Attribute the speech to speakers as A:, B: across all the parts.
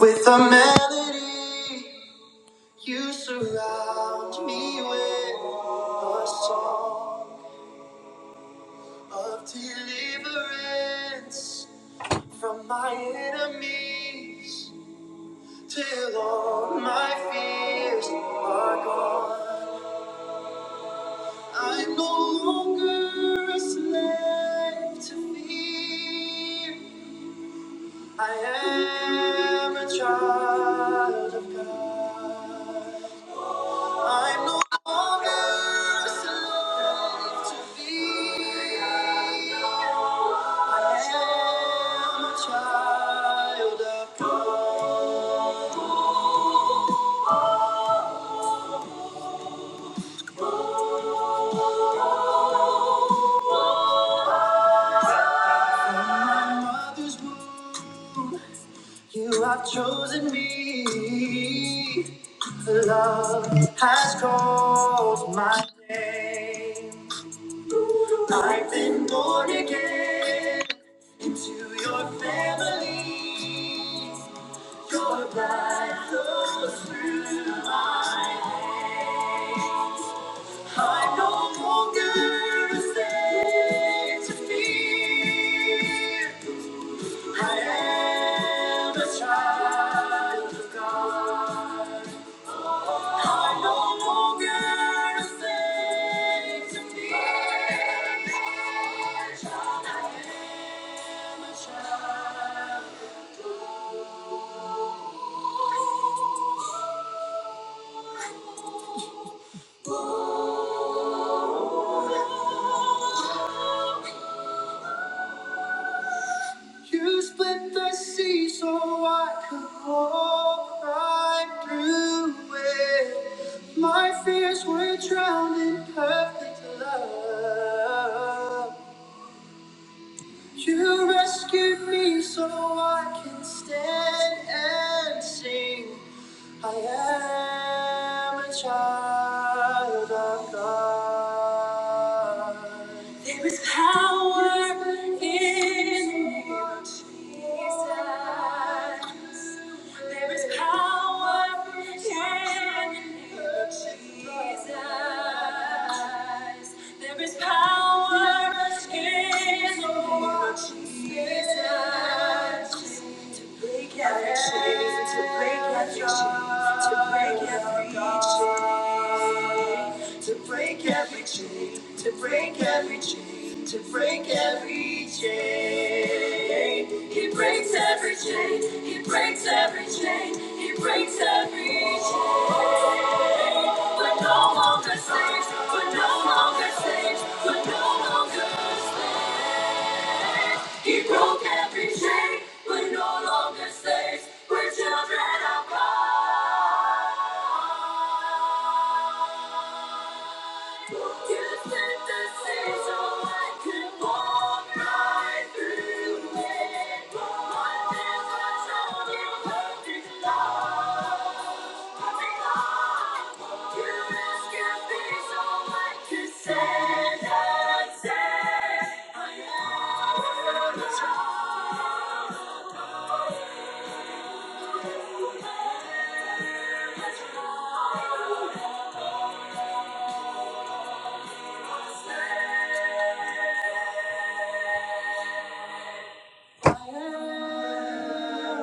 A: with a melody. You surround me with a song of deliverance from my enemies. Till all my fears are gone. I'm no longer a slave to fear. I am a child of God. I'm no longer a slave to thee. I am a child of God. From my mother's womb, you have chosen me. Love has called my name. I've been born again into your family. Your light flows through my days. I no longer stay to fear. I am a child of God. I no longer stay to fear. I am a child. You split the sea so I could walk right through it. My fears were drowned in perfect love. You rescued me so I can stand and sing. I am a child of God. There is power in your Jesus. There is power in your Jesus. There is power in your Jesus. To break every chain, to break every chain, to break every chain. to break every chain, to break every chain, to break every chain. He breaks every chain, he breaks every chain, he breaks every chain. We're no longer slaves, we're no longer slaves, we're no longer slaves. He broke every chain, we're no longer slaves, we're children of God. Thank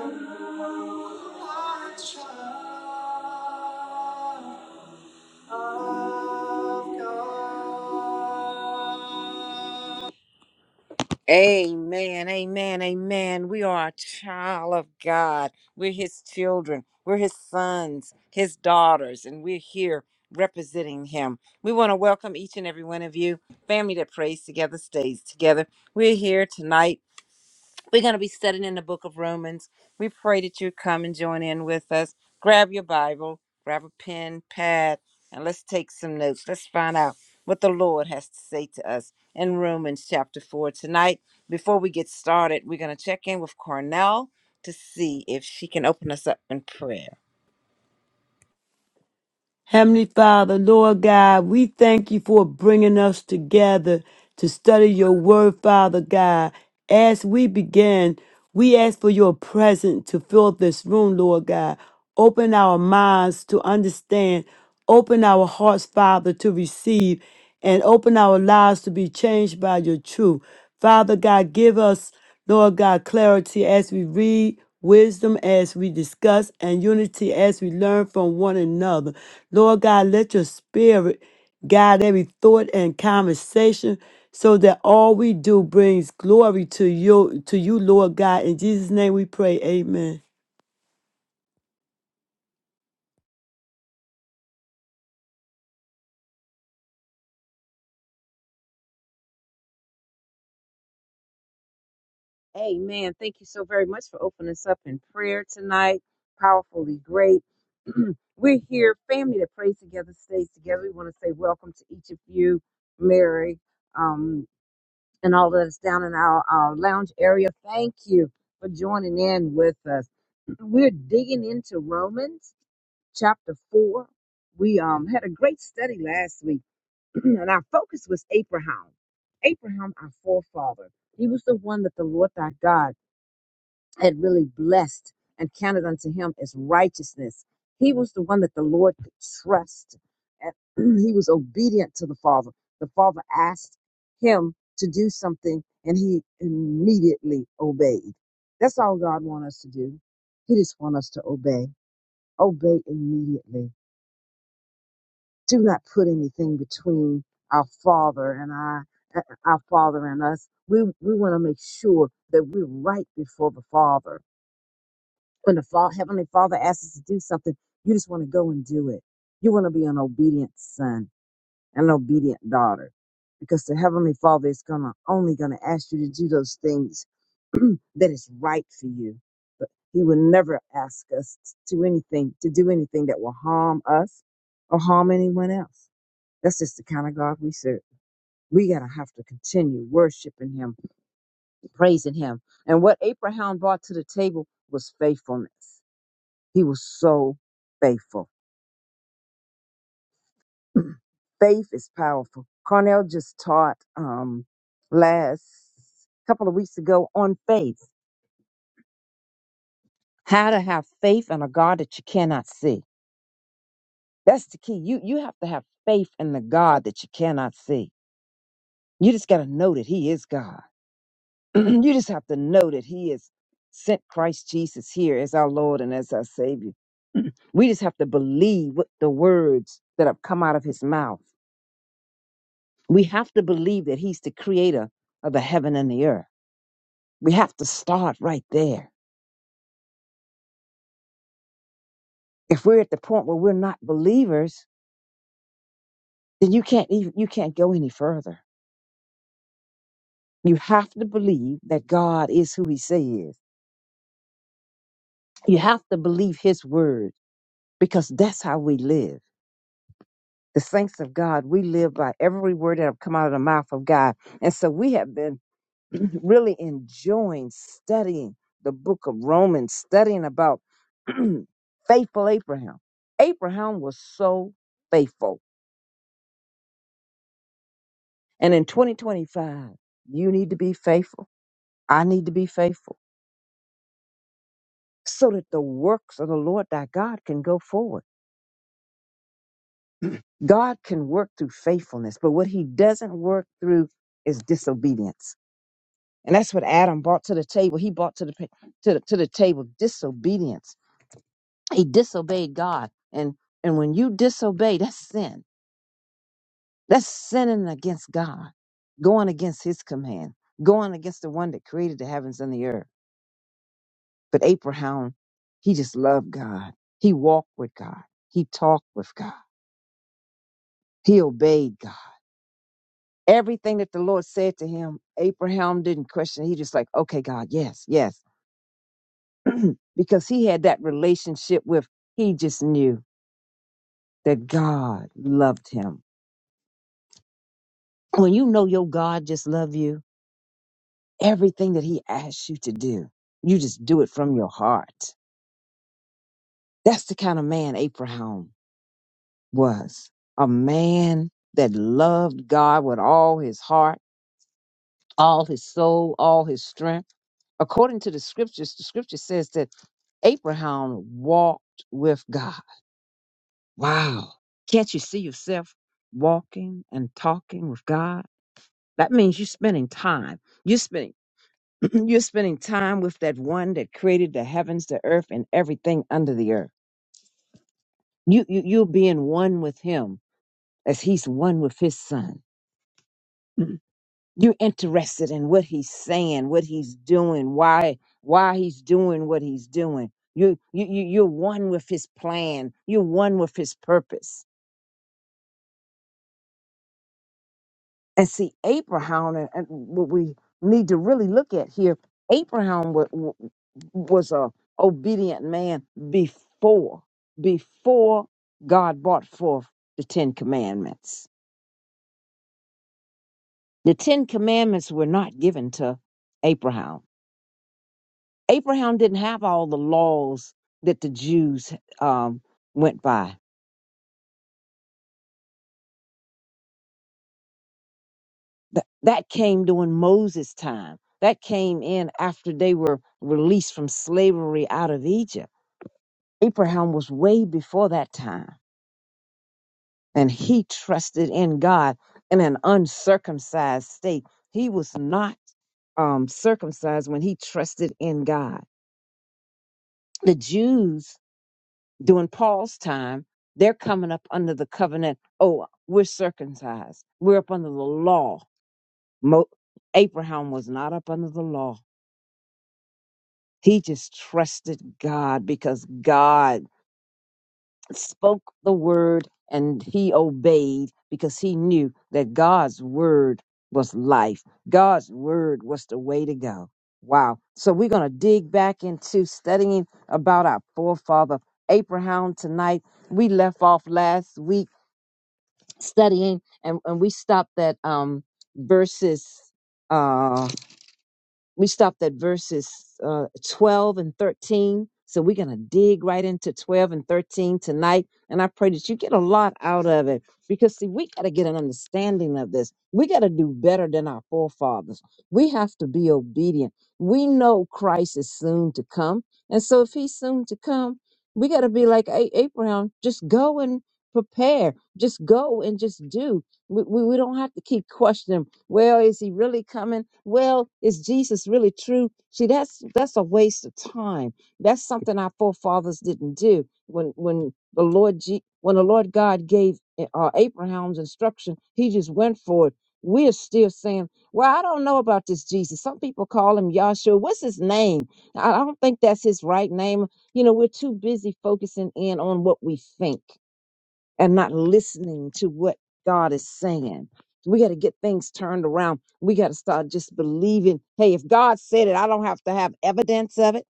A: you. Amen, amen, amen. We are a child of God. We're His children. We're His sons, His daughters, and we're here representing Him. We want to welcome each and every one of you. Family that prays together stays together. We're here tonight we're going to be studying in the book of Romans. We pray that you come and join in with us. Grab your Bible, grab a pen, pad, and let's take some notes. Let's find out what the Lord has to say to us in Romans chapter 4. Tonight, before we get started, we're going to check in with Cornell to see if she can open us up in prayer.
B: Heavenly Father, Lord God, we thank you for bringing us together to study your word, Father God. As we begin, we ask for your presence to fill this room, Lord God. Open our minds to understand. Open our hearts, Father, to receive and open our lives to be changed by your truth. Father God, give us, Lord God, clarity as we read, wisdom as we discuss, and unity as we learn from one another. Lord God, let your spirit guide every thought and conversation so that all we do brings glory to you, to you, Lord God. In Jesus' name we pray. Amen.
C: Amen. Thank you so very much for opening us up in prayer tonight. Powerfully great. We're here, family that prays together, stays together. We want to say welcome to each of you, Mary, um, and all of us down in our, our lounge area. Thank you for joining in with us. We're digging into Romans chapter 4. We um, had a great study last week, and our focus was Abraham. Abraham, our forefather. He was the one that the Lord thy God had really blessed and counted unto him as righteousness. He was the one that the Lord could trust. And he was obedient to the Father. The Father asked him to do something and he immediately obeyed. That's all God wants us to do. He just wants us to obey. Obey immediately. Do not put anything between our Father and our, our Father and us. We, we want to make sure that we're right before the Father when the fa- Heavenly Father asks us to do something, you just want to go and do it. You want to be an obedient son and an obedient daughter because the Heavenly Father is gonna only going to ask you to do those things that is right for you. But He will never ask us to do anything, to do anything that will harm us or harm anyone else. That's just the kind of God we serve. We got to have to continue worshiping Him, praising Him. And what Abraham brought to the table was faithfulness He was so faithful. Faith is powerful. Carnell just taught um, last couple of weeks ago on faith, how to have faith in a God that you cannot see. That's the key. You you have to have faith in the God that you cannot see. You just got to know that He is God. you just have to know that He has sent Christ Jesus here as our Lord and as our Savior. We just have to believe what the words that have come out of His mouth. We have to believe that He's the creator of the heaven and the earth. We have to start right there. If we're at the point where we're not believers, then you can't even, you can't go any further. You have to believe that God is who He says. he is. You have to believe His word because that's how we live. The saints of God, we live by every word that have come out of the mouth of God, and so we have been really enjoying studying the book of Romans, studying about faithful Abraham. Abraham was so faithful. And in 2025, you need to be faithful. I need to be faithful so that the works of the Lord thy God can go forward. God can work through faithfulness, but what he doesn't work through is disobedience. And that's what Adam brought to the table. He brought to the, pa- to the, to the table disobedience He disobeyed God. And and when you disobey, that's sin. That's sinning against God, going against his command, going against the one that created the heavens and the earth. But Abraham, he just loved God. He walked with God. He talked with God. He obeyed God. Everything that the Lord said to him, Abraham didn't question. He just like, okay, God, yes, yes. because he had that relationship with, he just knew that God loved him. When you know your God just love you, Everything that he asks you to do, you just do it from your heart. That's the kind of man Abraham was. A man that loved God with all his heart, all his soul, all his strength. According to the scriptures, the scripture says that Abraham walked with God. Wow. Can't you see yourself walking and talking with God? That means you're spending time. You're spending You're spending time with that one that created the heavens, the earth, and everything under the earth. You, you you'll be in one with him as he's one with his son. Mhm. You're interested in what he's saying, what he's doing, why why he's doing what he's doing. You you you- you're one with his plan. You're one with his purpose And see, Abraham, and, and what we need to really look at here, Abraham wa- wa- was a obedient man before, before God brought forth the Ten Commandments. The Ten Commandments were not given to Abraham. Abraham didn't have all the laws that the Jews um, went by. That, that came during Moses' time. That came in after they were released from slavery out of Egypt Abraham was way before that time, and he trusted in God in an uncircumcised state. He was not um, circumcised when he trusted in God. The Jews during Paul's time, they're coming up under the covenant. Oh, we're circumcised. We're up under the law. Mo- Abraham was not up under the law. He just trusted God because God spoke the word and he obeyed because he knew that God's word was life. God's word was the way to go. Wow. So we're going to dig back into studying about our forefather Abraham tonight. We left off last week studying and, and we stopped at um verses uh we stopped at verses uh, 12 and 13. So we're going to dig right into 12 and 13 tonight. And I pray that you get a lot out of it because, see, we got to get an understanding of this. We got to do better than our forefathers. We have to be obedient. We know Christ is soon to come. And so, if he's soon to come, we got to be like A- Abraham just go and prepare, just go and just do. We, we, we don't have to keep questioning well, is he really coming? Well, is Jesus really true? See, that's that's a waste of time. That's something our forefathers didn't do. When when the Lord G, when the Lord God gave eh, uh, Abraham's instruction, he just went for it. We're still saying, "Well, I don't know about this Jesus." Some people call him Yahshua. What's his name? I I don't think that's his right name. You know, we're too busy focusing in on what we think and not listening to what God is saying. We got to get things turned around. We got to start just believing hey, if God said it, I don't have to have evidence of it.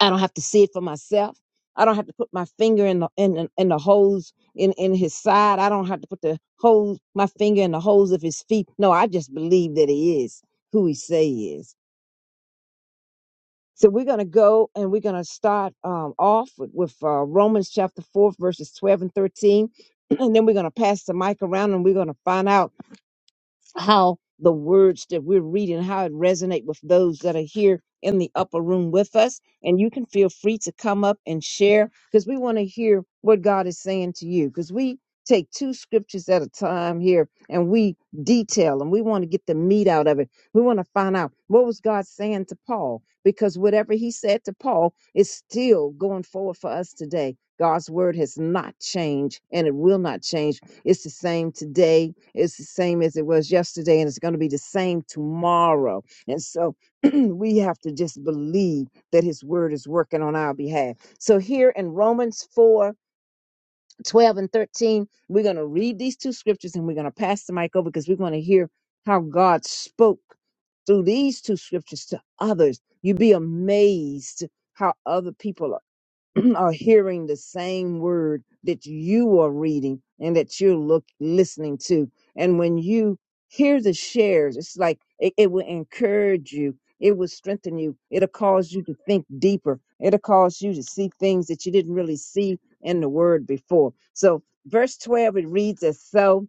C: I don't have to see it for myself. I don't have to put my finger in the in, in, in the holes in, in his side. I don't have to put the holes my finger in the holes of his feet. No, I just believe that he is who he says. So we're going to go and we're going to start um, off with, with uh, Romans chapter 4, verses 12 and 13. And then we're going to pass the mic around and we're going to find out how the words that we're reading how it resonate with those that are here in the upper room with us and you can feel free to come up and share because we want to hear what god is saying to you because we take two scriptures at a time here and we detail and we want to get the meat out of it we want to find out what was god saying to paul because whatever he said to paul is still going forward for us today god's word has not changed and it will not change it's the same today it's the same as it was yesterday, and it's going to be the same tomorrow. And so we have to just believe that His word is working on our behalf. So here in Romans 4, 12 and 13, we're going to read these two scriptures and we're going to pass the mic over because we are going to hear how God spoke through these two scriptures to others. You'd be amazed how other people are are hearing the same word that you are reading and that you're look listening to. And when you hear the shares, it's like it, it will encourage you. It will strengthen you. It'll cause you to think deeper. It'll cause you to see things that you didn't really see in the word before. So verse 12, it reads as so,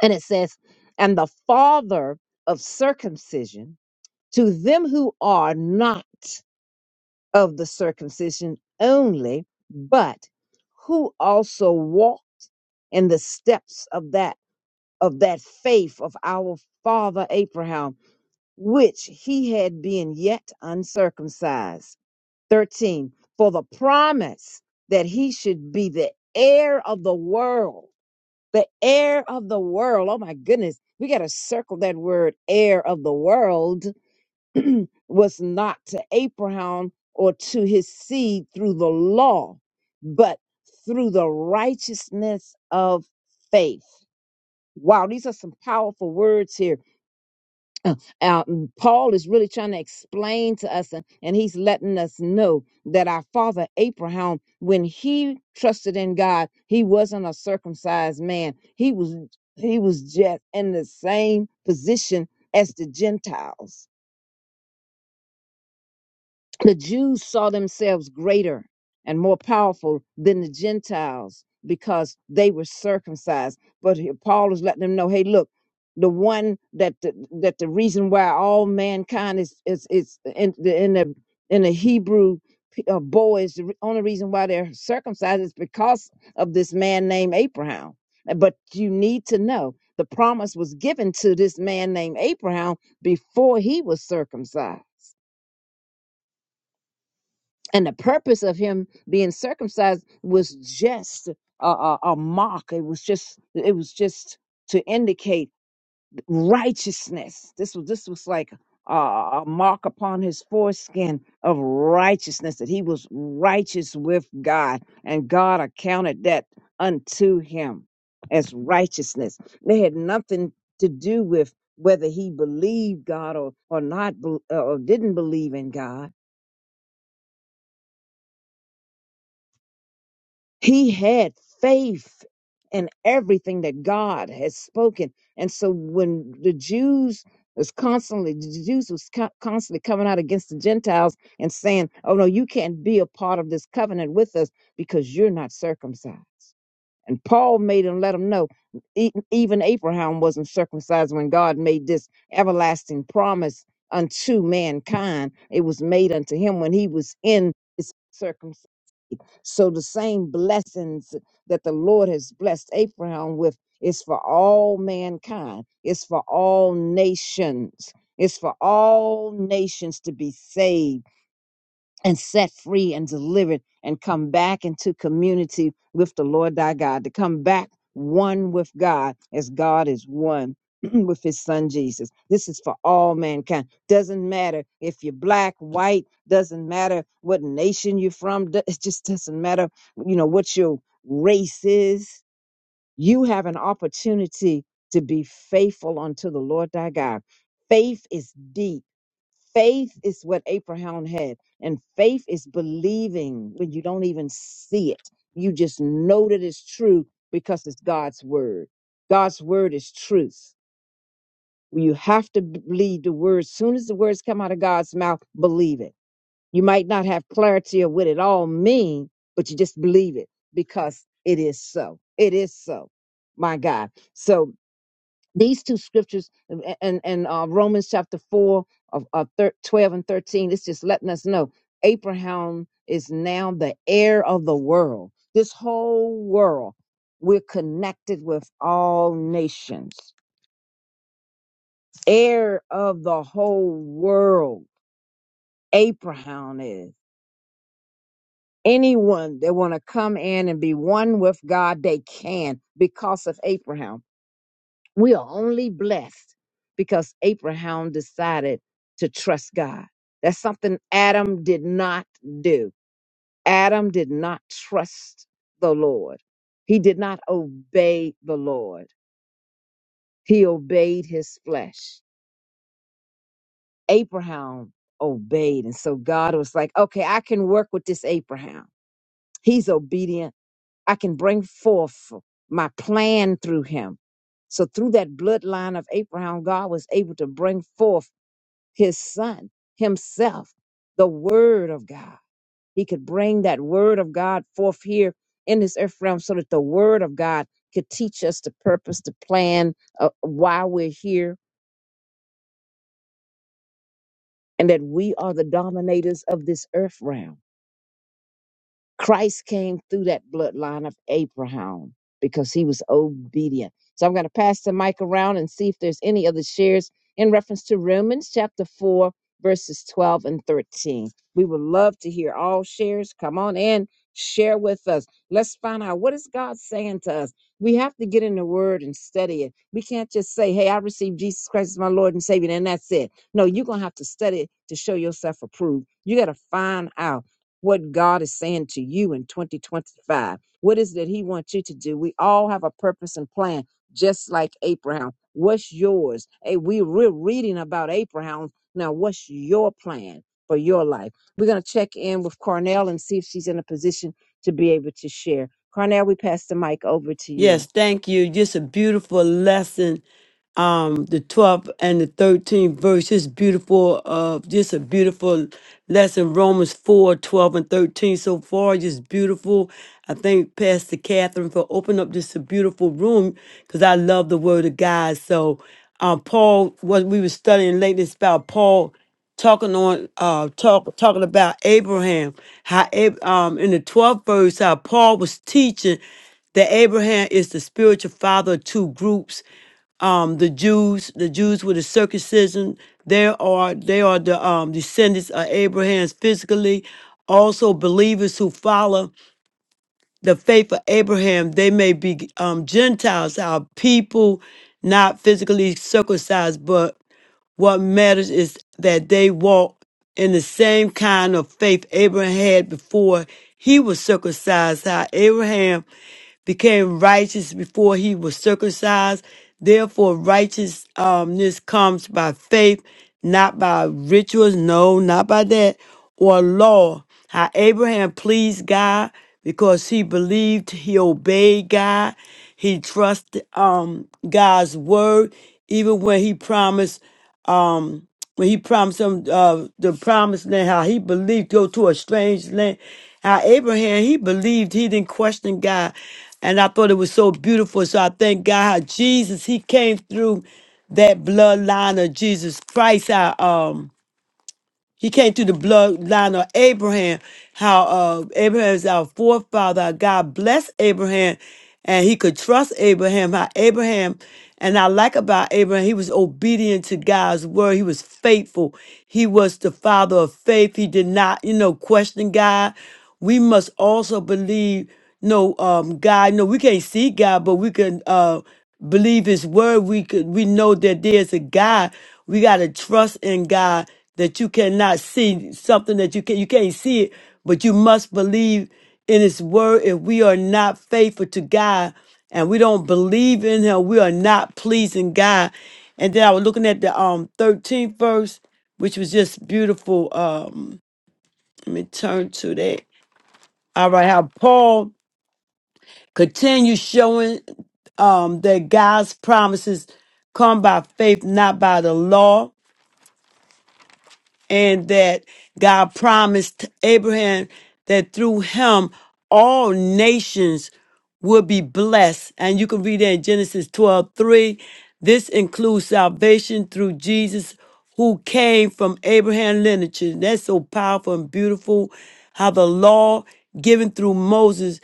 C: and it says, and the father of circumcision to them who are not of the circumcision only, but who also walk in the steps of that of that faith of our father Abraham, which he had been yet uncircumcised. 13. For the promise that he should be the heir of the world, the heir of the world. Oh my goodness, we got to circle that word heir of the world was not to Abraham or to his seed through the law, but through the righteousness of faith. Wow, these are some powerful words here. Uh, uh, and Paul is really trying to explain to us, and, and he's letting us know that our father Abraham, when he trusted in God, he wasn't a circumcised man. He was he was just in the same position as the Gentiles the Jews saw themselves greater and more powerful than the Gentiles because they were circumcised. But here Paul is letting them know, hey, look, the one that the, that the reason why all mankind is is is in the in the in the Hebrew p- uh, boys, the re- only reason why they're circumcised is because of this man named Abraham. But you need to know the promise was given to this man named Abraham before he was circumcised and the purpose of him being circumcised was just a, a, a mark it was just it was just to indicate righteousness this was this was like a, a mark upon his foreskin of righteousness that he was righteous with god and god accounted that unto him as righteousness they had nothing to do with whether he believed god or or not bel- or didn't believe in god He had faith in everything that God had spoken. And so when the Jews was constantly the Jews was co- constantly coming out against the Gentiles and saying, "Oh no, you can't be a part of this covenant with us because you're not circumcised." And Paul made him let him know, e- even Abraham wasn't circumcised when God made this everlasting promise unto mankind. It was made unto him when he was in his circumcision. So the same blessings that the Lord has blessed Abraham with is for all mankind. It's for all nations. It's for all nations to be saved and set free and delivered and come back into community with the Lord thy God, to come back one with God as God is one with his son Jesus. This is for all mankind. Doesn't matter if you're black, white, doesn't matter what nation you're from, do- it just doesn't matter, you know, what your race is. You have an opportunity to be faithful unto the Lord thy God. Faith is deep Faith is what Abraham had, and faith is believing when you don't even see it. You just know that it's true because it's God's word. God's word is truth. You have to b- believe the word. soon as the words come out of God's mouth, believe it. You might not have clarity of what it all means, but you just believe it because it is so. It is so. My God. So these two scriptures and and uh, Romans chapter four of uh, thir- twelve and thirteen. It's just letting us know Abraham is now the heir of the world. This whole world, we're connected with all nations. Heir of the whole world, Abraham is. Anyone that want to come in and be one with God, they can because of Abraham. We are only blessed because Abraham decided to trust God. That's something Adam did not do. Adam did not trust the Lord. He did not obey the Lord. He obeyed his flesh. Abraham obeyed. And so God was like, okay, I can work with this Abraham. He's obedient. I can bring forth my plan through him. So through that bloodline of Abraham, God was able to bring forth his son himself, the word of God. He could bring that word of God forth here in this earth realm so that the word of God could teach us the purpose, the plan, uh, why we're here, and that we are the dominators of this earth realm Christ came through that bloodline of Abraham because he was obedient. So I'm going to pass the mic around and see if there's any other shares in reference to Romans chapter 4, verses 12 and 13. We would love to hear all shares. Come on in, share with us. Let's find out what is God saying to us. We have to get in the word and study it. We can't just say, hey, I received Jesus Christ as my Lord and Savior, and that's it. No, you're going to have to study it to show yourself approved. You got to find out what God is saying to you in 2025. What is that He wants you to do? We all have a purpose and plan, just like Abraham. What's yours? Hey, we, we're reading about Abraham. Now, what's your plan for your life? We're going to check in with Cornell and see if she's in a position to be able to share. Cornell, we pass the mic over to you.
B: Yes, thank you. Just a beautiful lesson um the 12th and the 13th verse is beautiful of just a beautiful lesson romans 4:12 and 13 so far just beautiful i thank pastor catherine for opening up this beautiful room because i love the word of god so um paul what we were studying lately is about paul talking on uh talk talking about abraham how Ab- um in the 12th verse how paul was teaching that Abraham is the spiritual father of two groups um, the Jews, the Jews with the circumcision, they are they are the um, descendants of Abraham's physically. Also, believers who follow the faith of Abraham, they may be um, Gentiles, our people, not physically circumcised, but what matters is that they walk in the same kind of faith Abraham had before he was circumcised. How Abraham became righteous before he was circumcised. Therefore, righteousness comes by faith, not by rituals, no, not by that, or law. How Abraham pleased God because he believed, he obeyed God, he trusted um, God's word, even when he promised when he promised them uh, the promised land, how he believed go to a strange land. How Abraham, he believed, he didn't question God. And I thought it was so beautiful. So I thank God how Jesus, he came through that bloodline of Jesus Christ. How, um, he came through the bloodline of Abraham. How uh, Abraham is our forefather. how God blessed Abraham, and he could trust Abraham. How Abraham, and I like about Abraham, he was obedient to God's word. He was faithful. He was the father of faith. He did not, you know, question God. We must also believe no um God. No, we can't see God, but we can uh believe his word. We could we know that there's a God. We gotta trust in God that you cannot see something that you can you can't see it, but you must believe in his word. If we are not faithful to God and we don't believe in him, we are not pleasing God. And then I was looking at the um 13th verse, which was just beautiful. Um let me turn to that. All right, how Paul Continue showing um, that God's promises come by faith, not by the law and that God promised Abraham that through him all nations will be blessed. And you can read that in Genesis 12 3. This includes salvation through Jesus, who came from Abraham lineage. And That's so powerful and beautiful how the law given through Moses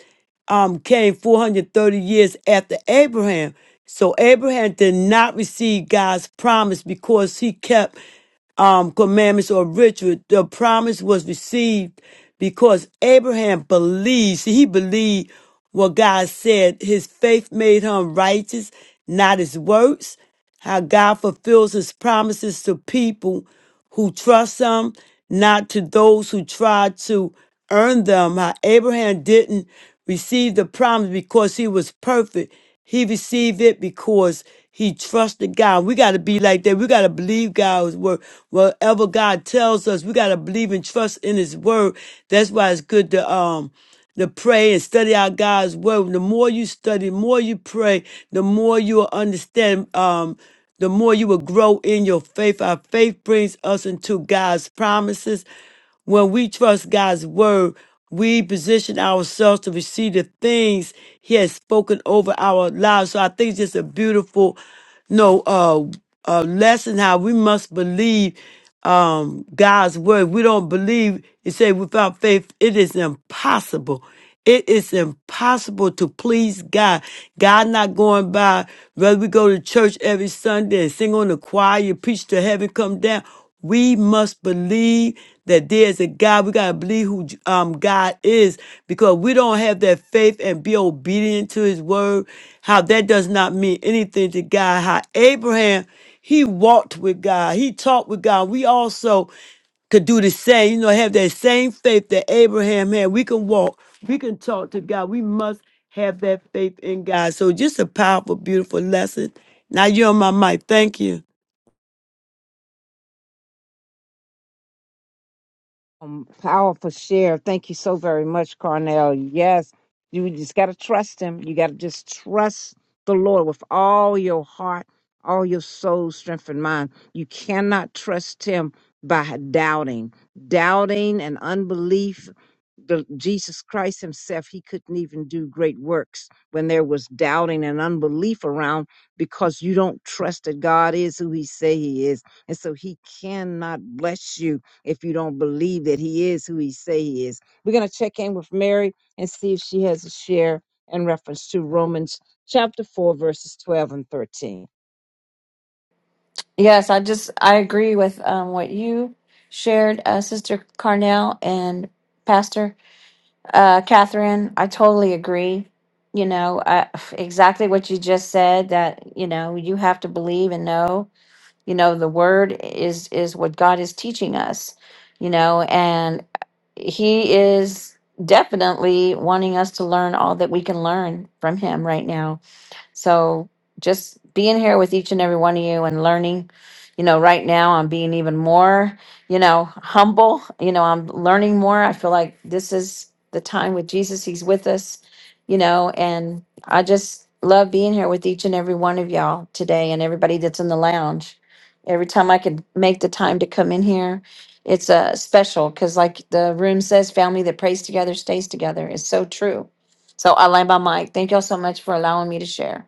B: um, came 430 years after Abraham. So Abraham did not receive God's promise because he kept um, commandments or ritual, the promise was received because Abraham believed. See, he believed what God said. His faith made him righteous, not his works. How God fulfills his promises to people who trust him, not to those who try to earn them. How Abraham didn't receive the promise because he was perfect. He received it because he trusted God. We got to be like that. We got to believe God's word. Whatever God tells us, we got to believe and trust in his word. That's why it's good to, um, to pray and study out God's word. The more you study, the more you pray, the more you'll understand. Um, the more you will grow in your faith. Our faith brings us into God's promises. When we trust God's word, we position ourselves to receive the things He has spoken over our lives. So I think it's just a beautiful, no, uh, uh, lesson how we must believe um God's word. We don't believe. It say without faith, it is impossible. It is impossible to please God. God not going by whether we go to church every Sunday and sing on the choir, you preach to heaven, come down. We must believe that there is a God. We gotta believe who um, God is because we don't have that faith and be obedient to His word. How that does not mean anything to God. How Abraham he walked with God. He talked with God. We also could do the same, you know, have that same faith that Abraham had. We can walk, we can talk to God. We must have that faith in God. So just a powerful, beautiful lesson. Now you're on my mic. Thank you.
C: Um, powerful share. Thank you so very much, Carnell. Yes, you just got to trust him. You got to just trust the Lord with all your heart, all your soul, strength, and mind. You cannot trust him by doubting. Doubting and unbelief, the, Jesus Christ himself, he couldn't even do great works when there was doubting and unbelief around because you don't trust that God is who he say he is. And so he cannot bless you if you don't believe that he is who he say he is. We're going to check in with Mary and see if she has a share in reference to Romans chapter 4 verses 12 and 13.
D: Yes, I just I agree with um, what you shared, uh, Sister Carnell and Pastor uh, Catherine. I totally agree. You know, I, exactly what you just said. That you know, you have to believe and know. You know, the word is is what God is teaching us. You know, and He is definitely wanting us to learn all that we can learn from Him right now so just being here with each and every one of you and learning, you know, right now I'm being even more, you know, humble. You know, I'm learning more. I feel like this is the time with Jesus. He's with us, you know, and I just love being here with each and every one of y'all today and everybody that's in the lounge. Every time I could make the time to come in here, it's uh, special because, like the room says, family that prays together stays together. It's so true. So I land my mic. Thank y'all so much for allowing me to share.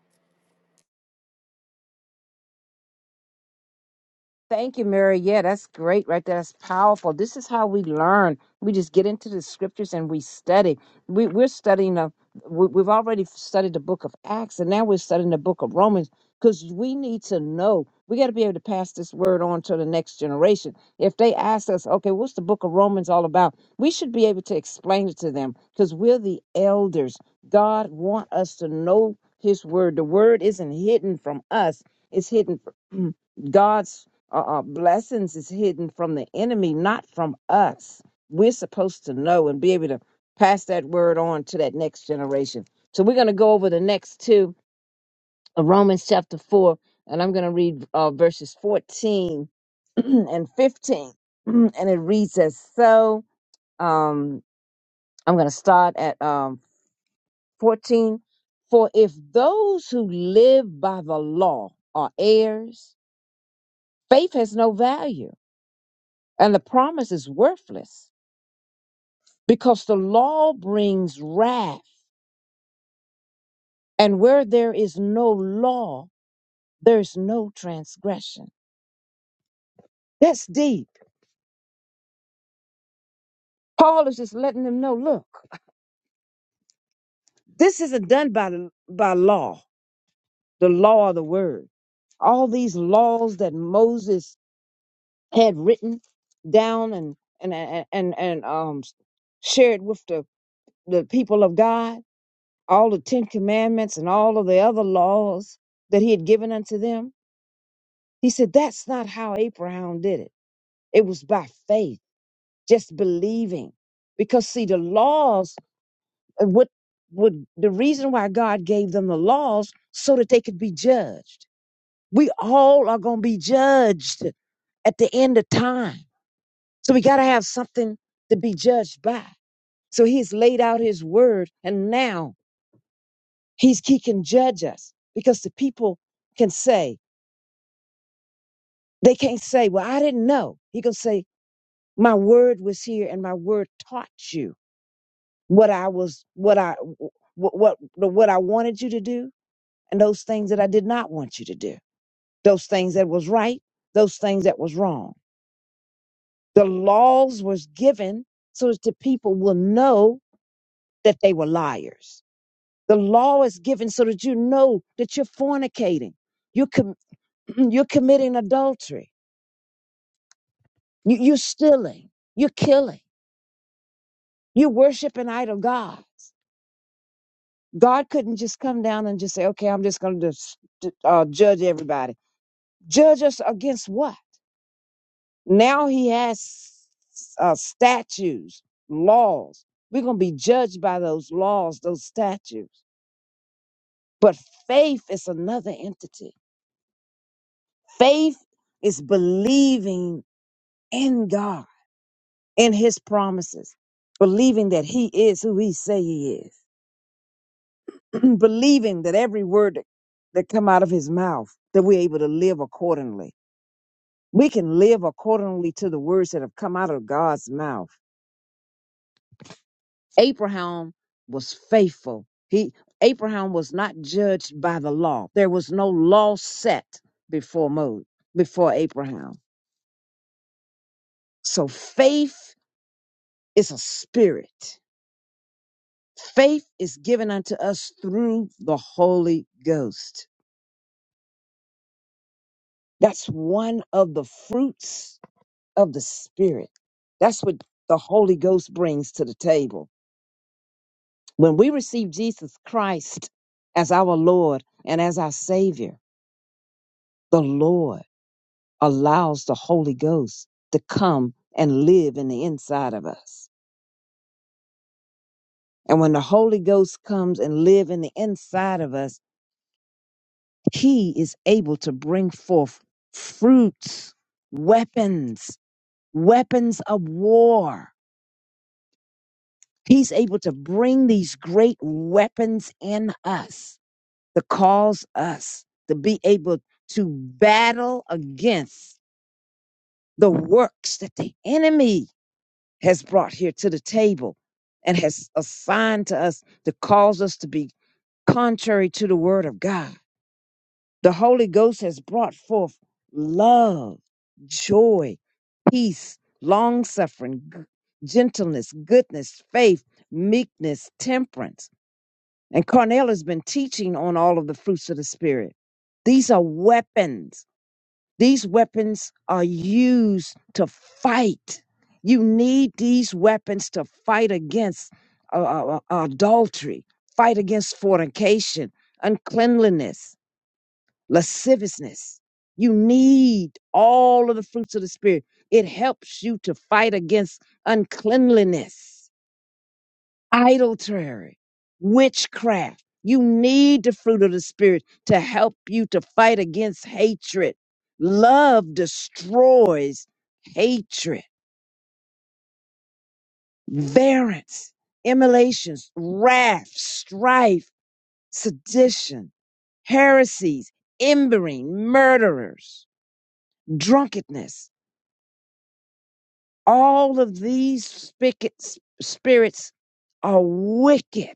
C: Thank you, Mary. Yeah, that's great right there. That's powerful. This is how we learn. We just get into the scriptures and we study. We, we're studying, a, we, we've already studied the book of Acts, and now we're studying the book of Romans because we need to know. We got to be able to pass this word on to the next generation. If they ask us, okay, what's the book of Romans all about? We should be able to explain it to them because we're the elders. God want us to know his word. The word isn't hidden from us. It's hidden from God uh, uh, blessings is hidden from the enemy, not from us. We're supposed to know and be able to pass that word on to that next generation. So we're going to go over the next two of Romans chapter 4, and I'm going to read uh, verses 14 and 15. And it reads as so. Um, I'm going to start at um, 14. For if those who live by the law are heirs, faith has no value and the promise is worthless. because the law brings wrath. And where there is no law, there's no transgression. That's deep. Paul is just letting them know look, this isn't done by, the- by law, the law of the word. All these laws that Moses had written down and, and, and, and, and um, shared with the, the people of God, all the Ten Commandments and all of the other laws that he had given unto them. He said, that's not how Abraham did it. It was by faith, just believing. Because see, the laws, uh, what would the reason why God gave them the laws so that they could be judged. We all are gonna be judged at the end of time. So we gotta have something to be judged by. So he's laid out his word and now he's he can judge us because the people can say, they can't say, Well, I didn't know. He can say, My word was here and my word taught you. what I was, what I, what, what, what I wanted you to do and those things that I did not want you to do. Those things that was right, those things that was wrong. The laws was given so that the people will know that they were liars. The law is given so that you know that you're fornicating. You're, com- you're committing adultery. You, you're stealing. You're killing. You're worshiping idol gods. God couldn't just come down and just say, okay, I'm just going to uh, judge everybody Judge us against what? Now he has uh, statues, laws. We're going to be judged by those laws, those statutes. But faith is another entity. Faith is believing in God, in his promises, believing that he is who he say he is, believing that every word that, that come out of his mouth, that we're able to live accordingly. We can live accordingly to the words that have come out of God's mouth Abraham was faithful. He Abraham was not judged by the law. There was no law set before Mo before Abraham. So faith is a spirit. Faith is given unto us through the Holy Ghost. That's one of the fruits of the Spirit. That's what the Holy Ghost brings to the table. When we receive Jesus Christ as our Lord and as our Savior, the Lord. allows the Holy Ghost to come and live in the inside of us. And when the Holy Ghost comes and live in the inside of us, he is able to bring forth fruits, weapons, weapons of war. He's able to bring these great weapons in us to cause us to be able to battle against the works that the enemy has brought here to the table and has assigned to us to cause us to be contrary to the word of God. The Holy Ghost has brought forth love, joy, peace, long suffering, gentleness, goodness, faith, meekness, temperance. And Cornell has been teaching on all of the fruits of the Spirit. These are weapons these weapons are used to fight. You need these weapons to fight against uh, uh, uh, adultery, fight against fornication, uncleanliness, lasciviousness. You need all of the fruits of the Spirit. It helps you to fight against uncleanliness idolatry, witchcraft. You need the fruit of the Spirit to help you to fight against hatred. Love destroys hatred, variance, emulations, wrath, strife, sedition, heresies, embering, murderers, drunkenness. All of these spic- spirits are wicked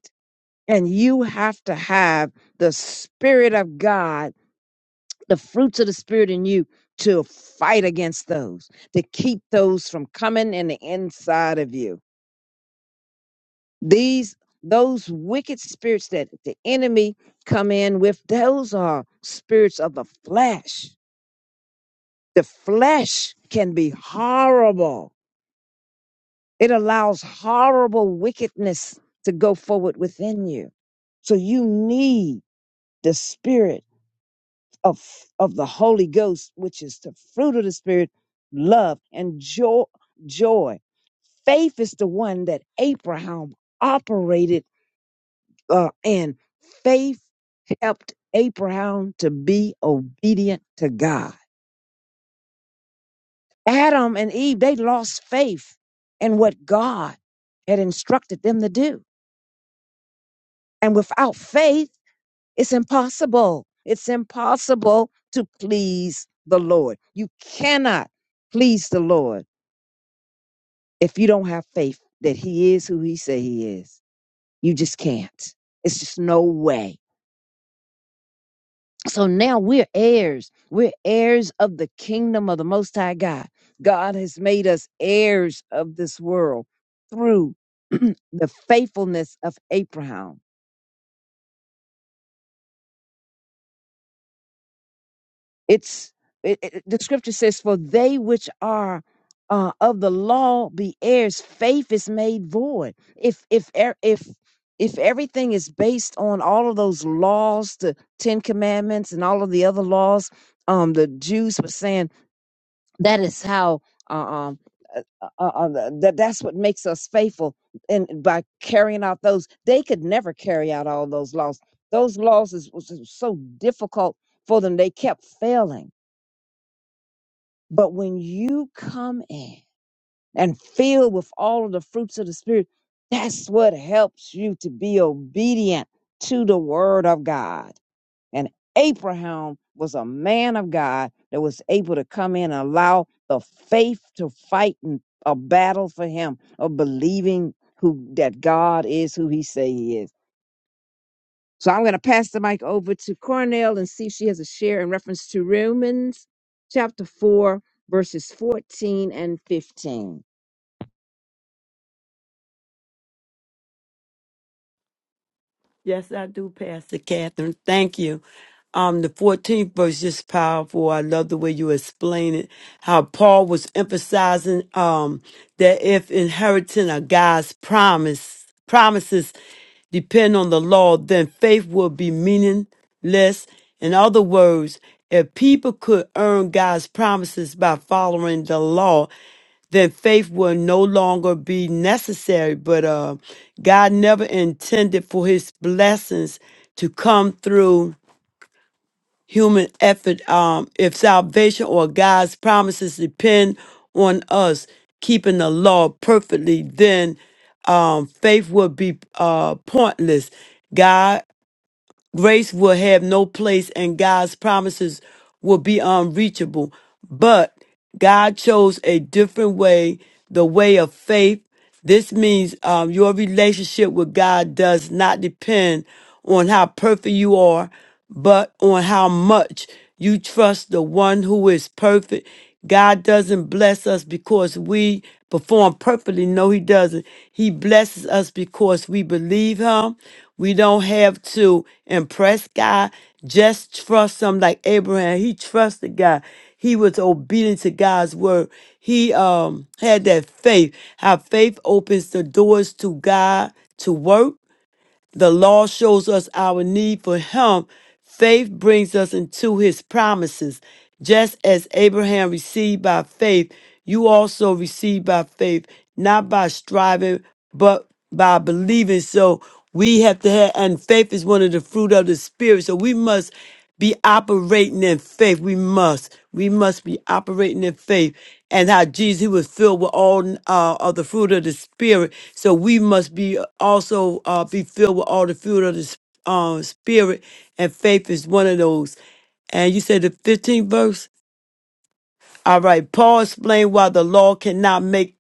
C: And you have to have the Spirit of God, the fruits of the Spirit in you to fight against those, to keep those from coming in the inside of you. These, those wicked spirits that the enemy come in with, those are spirits of the flesh. The flesh can be horrible. It allows horrible wickedness to go forward within you. So you need the Spirit of of the Holy Ghost, which is the fruit of the Spirit, love and joy. Joy, faith is the one that Abraham operated uh, in. Faith helped Abraham to be obedient to God. Adam and Eve they lost faith in what God had instructed them to do, and without faith, it's impossible. It's impossible to please the Lord. You cannot please the Lord If you don't have faith that he is who he say he is, you just can't. It's just no way. So now we're heirs. We're heirs of the kingdom of the Most High God. God has made us heirs of this world through the faithfulness of Abraham. It's it, it, the scripture says, "For they which are uh, of the law be heirs, faith is made void." If if e- if if everything is based on all of those laws, the Ten Commandments, and all of the other laws, um, the Jews were saying that is how uh, um uh, uh, uh, uh, that that's what makes us faithful, and by carrying out those, they could never carry out all those laws. Those laws is was so difficult for them; they kept failing but when you come in and filled with all of the fruits of the Spirit, that's what helps you to be obedient to the Word of God. And Abraham was a man of God that was able to come in and allow the faith to fight in a battle for him of believing who that God is who he say he is. So I'm going to pass the mic over to Cornell and see if she has a share in reference to Romans chapter 4, verses 14 and 15.
B: Yes, I do, Pastor Catherine. Thank you. Um, the 14th verse is powerful. I love the way you explain it. How Paul was emphasizing um, that if inheriting a God's promise promises depend on the law, then faith will be meaningless. In other words, if people could earn God's promises by following the law, then faith will no longer be necessary. But uh, God never intended for his blessings to come through human effort. Um, if salvation or God's promises depend on us keeping the law perfectly, then um, faith will be uh, pointless. God Grace will have no place and God's promises will be unreachable. But God chose a different way, the way of faith. This means um, your relationship with God does not depend on how perfect you are, but on how much you trust the one who is perfect. God doesn't bless us because we perform perfectly. No, He doesn't. He blesses us because we believe Him. We don't have to impress God. Just trust Him like Abraham. He trusted God. He was obedient to God's word. He um had that faith. How faith opens the doors to God to work the law shows us our need for him. Faith brings us into his promises. Just as Abraham received by faith, you also receive by faith, not by striving, but by believing. So we have to have, and faith is one of the fruit of the spirit. So we must be operating in faith. We must. We must be operating in faith. And how Jesus, he was filled with all uh, of the fruit of the Spirit. So we must be also uh, be filled with all the fruit of the s- uh, Spirit. And faith is one of those. And you said the 15th verse? All right. Paul explained why the law cannot make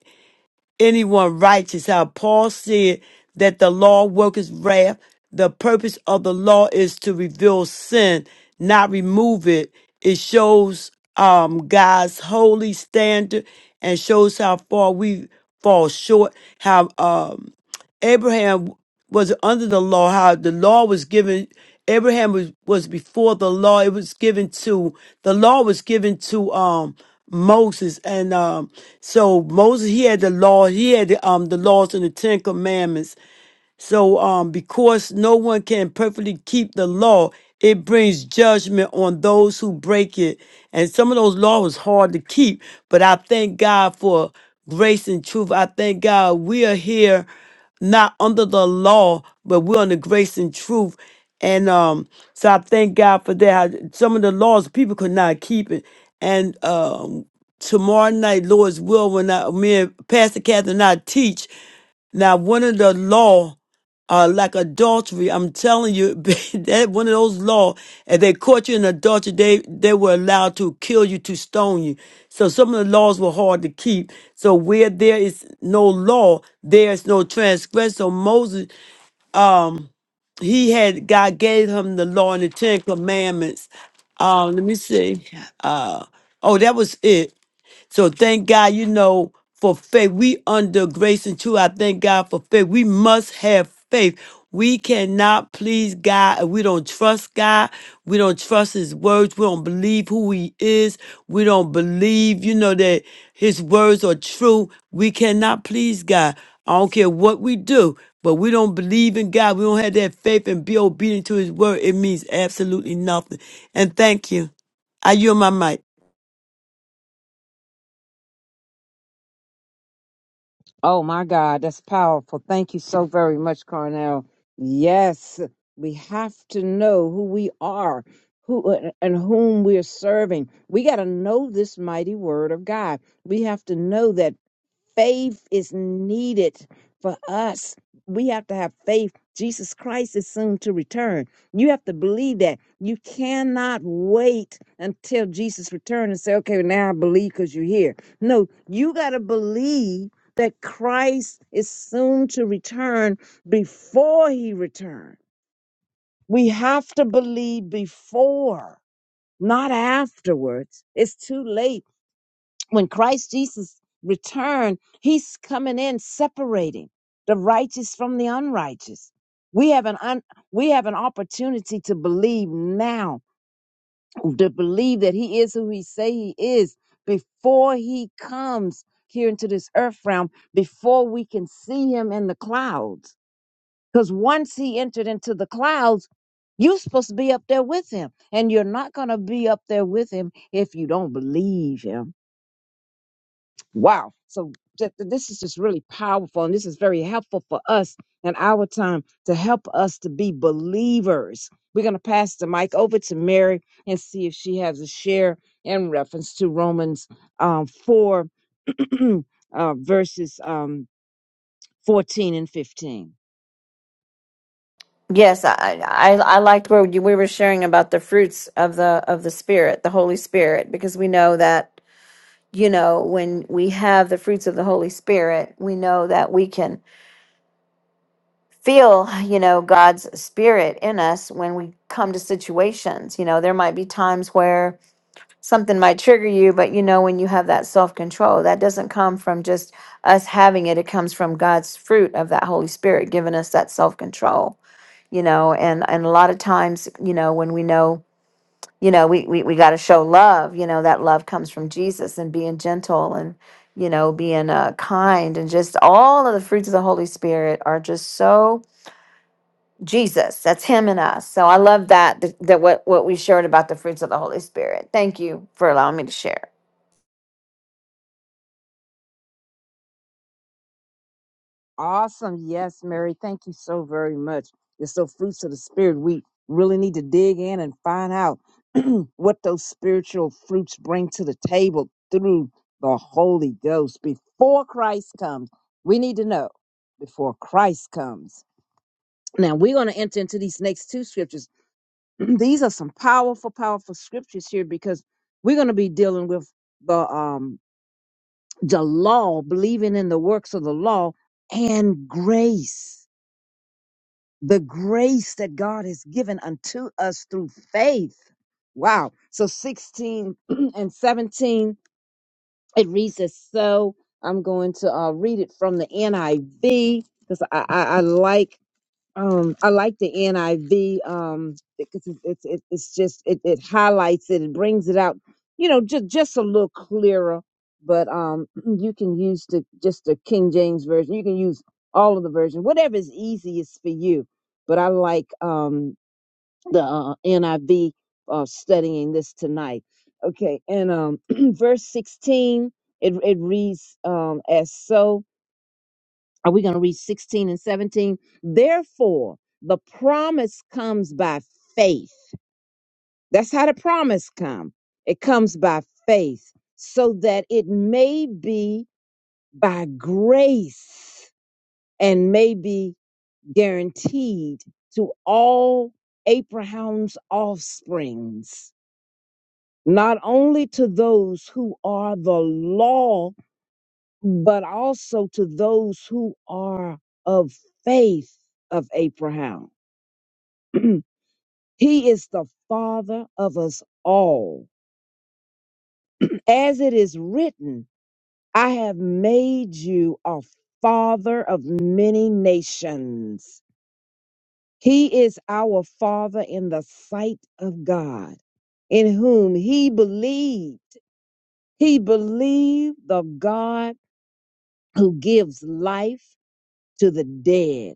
B: anyone righteous. How Paul said that the law worketh wrath. The purpose of the law is to reveal sin, not remove it. It shows um, God's holy standard and shows how far we fall short. How um, Abraham was under the law, how the law was given. Abraham was, was before the law. It was given to, the law was given to, um, Moses. And, um, so Moses, he had the law. He had the, um, the laws and the Ten Commandments. So, um, because no one can perfectly keep the law, it brings judgment on those who break it. And some of those laws was hard to keep, but I thank God for grace and truth. I thank God we are here not under the law, but we're under grace and truth. And um, so I thank God for that. I- Some of the laws people could not keep it. And um, tomorrow night, Lord's will, when I, me and Pastor Catherine and I teach, now, one of the law, uh, like adultery, I'm telling you, that one of those law, if they caught you in adultery, they, they were allowed to kill you, to stone you. So some of the laws were hard to keep. So where there is no law, there is no transgression. So Moses, um, he had, God gave him the law and the Ten Commandments. Um, let me see. Uh, oh, that was it. So thank God, you know, for faith. We under grace and truth. I thank God for faith. We must have faith. We cannot please God if we don't trust God. We don't trust His words. We don't believe who He is. We don't believe, you know, that His words are true. We cannot please God. I don't care what we do, but we don't believe in God. We don't have that faith and be obedient to His word. It means absolutely nothing. And thank you. I yield my mic.
C: Oh my God, that's powerful. Thank you so very much, Cornell. Yes, we have to know who we are. Who uh, and whom we are serving. We got to know this mighty word of God. We have to know that faith is needed for us. We have to have faith. Jesus Christ is soon to return. You have to believe that. You cannot wait until Jesus returns and say, okay, now I believe because you're here. No, you got to believe that Christ is soon to return before he returns. We have to believe before, not afterwards. It's too late when Christ Jesus returned, he's coming in separating the righteous from the unrighteous. We have an un, we have an opportunity to believe now, to believe that he is who he say he is before he comes here into this earth realm, before we can see him in the clouds. Because once he entered into the clouds, you're supposed to be up there with him. And you're not going to be up there with him if you don't believe him Wow. So th- th- this is just really powerful and this is very helpful for us in our time to help us to be believers. We're going to pass the mic over to Mary and see if she has a share in reference to Romans um, 4 uh, verses um, 14 and 15.
D: Yes, I I, I liked where you, we were sharing about the fruits of the of the Spirit, the Holy Spirit, because we know that you know when we have the fruits of the Holy Spirit, we know that we can feel you know God's Spirit in us when we come to situations. You know, there might be times where something might trigger you, but you know when you have that self control, that doesn't come from just us having it; it comes from God's fruit of that Holy Spirit giving us that self control you know and and a lot of times you know when we know you know we we, we got to show love you know that love comes from jesus and being gentle and you know being uh, kind and just all of the fruits of the holy spirit are just so jesus that's him and us so i love that that, that what what we shared about the fruits of the holy spirit thank you for allowing me to share
C: Awesome. Yes, Mary. Thank you so very much. It's so fruits of the spirit. We really need to dig in and find out what those spiritual fruits bring to the table through the Holy Ghost before Christ comes. We need to know before Christ comes. Now we're going to enter into these next two scriptures. these are some powerful, powerful scriptures here because we're going to be dealing with the um the law, believing in the works of the law and grace the grace that God has given unto us through faith. Wow. So 16 and 17, it reads as so. I'm going to uh, read it from the NIV because I, I, I like um, I like the NIV um, because it's it's it, it's just it, it highlights it and brings it out, you know, just just a little clearer. But um, you can use the just the King James version. You can use all of the versions, whatever is easiest for you. But I like um, the uh, NIV uh, studying this tonight. Okay, and um, verse sixteen it it reads um, as so. Are we going to read 16 and 17? Therefore, the promise comes by faith. That's how the promise come. It comes by faith so that it may be by grace and may be guaranteed to all Abraham's offsprings, not only to those who are the law but also to those who are of faith of Abraham. he is the father of us all. As it is written, I have made you a father of many nations. He is our father in the sight of God, in whom he believed. He believed the God who gives life to the dead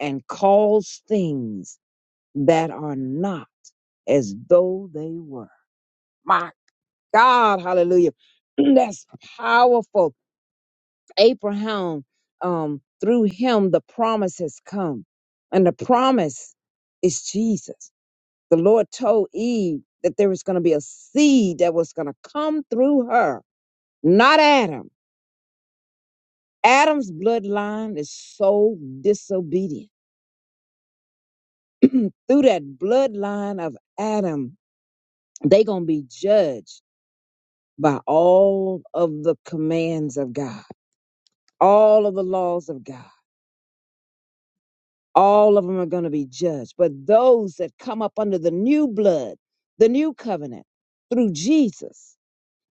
C: and calls things that are not as though they were. My God, hallelujah. That's powerful. Abraham, um, through him, the promise has come. And the promise is Jesus. The Lord told Eve that there was going to be a seed that was going to come through her, not Adam. Adam's bloodline is so disobedient. Through that bloodline of Adam, they gonna be judged by all of the commands of God, all of the laws of God. All of them are going to be judged. But those that come up under the new blood, the new covenant through Jesus,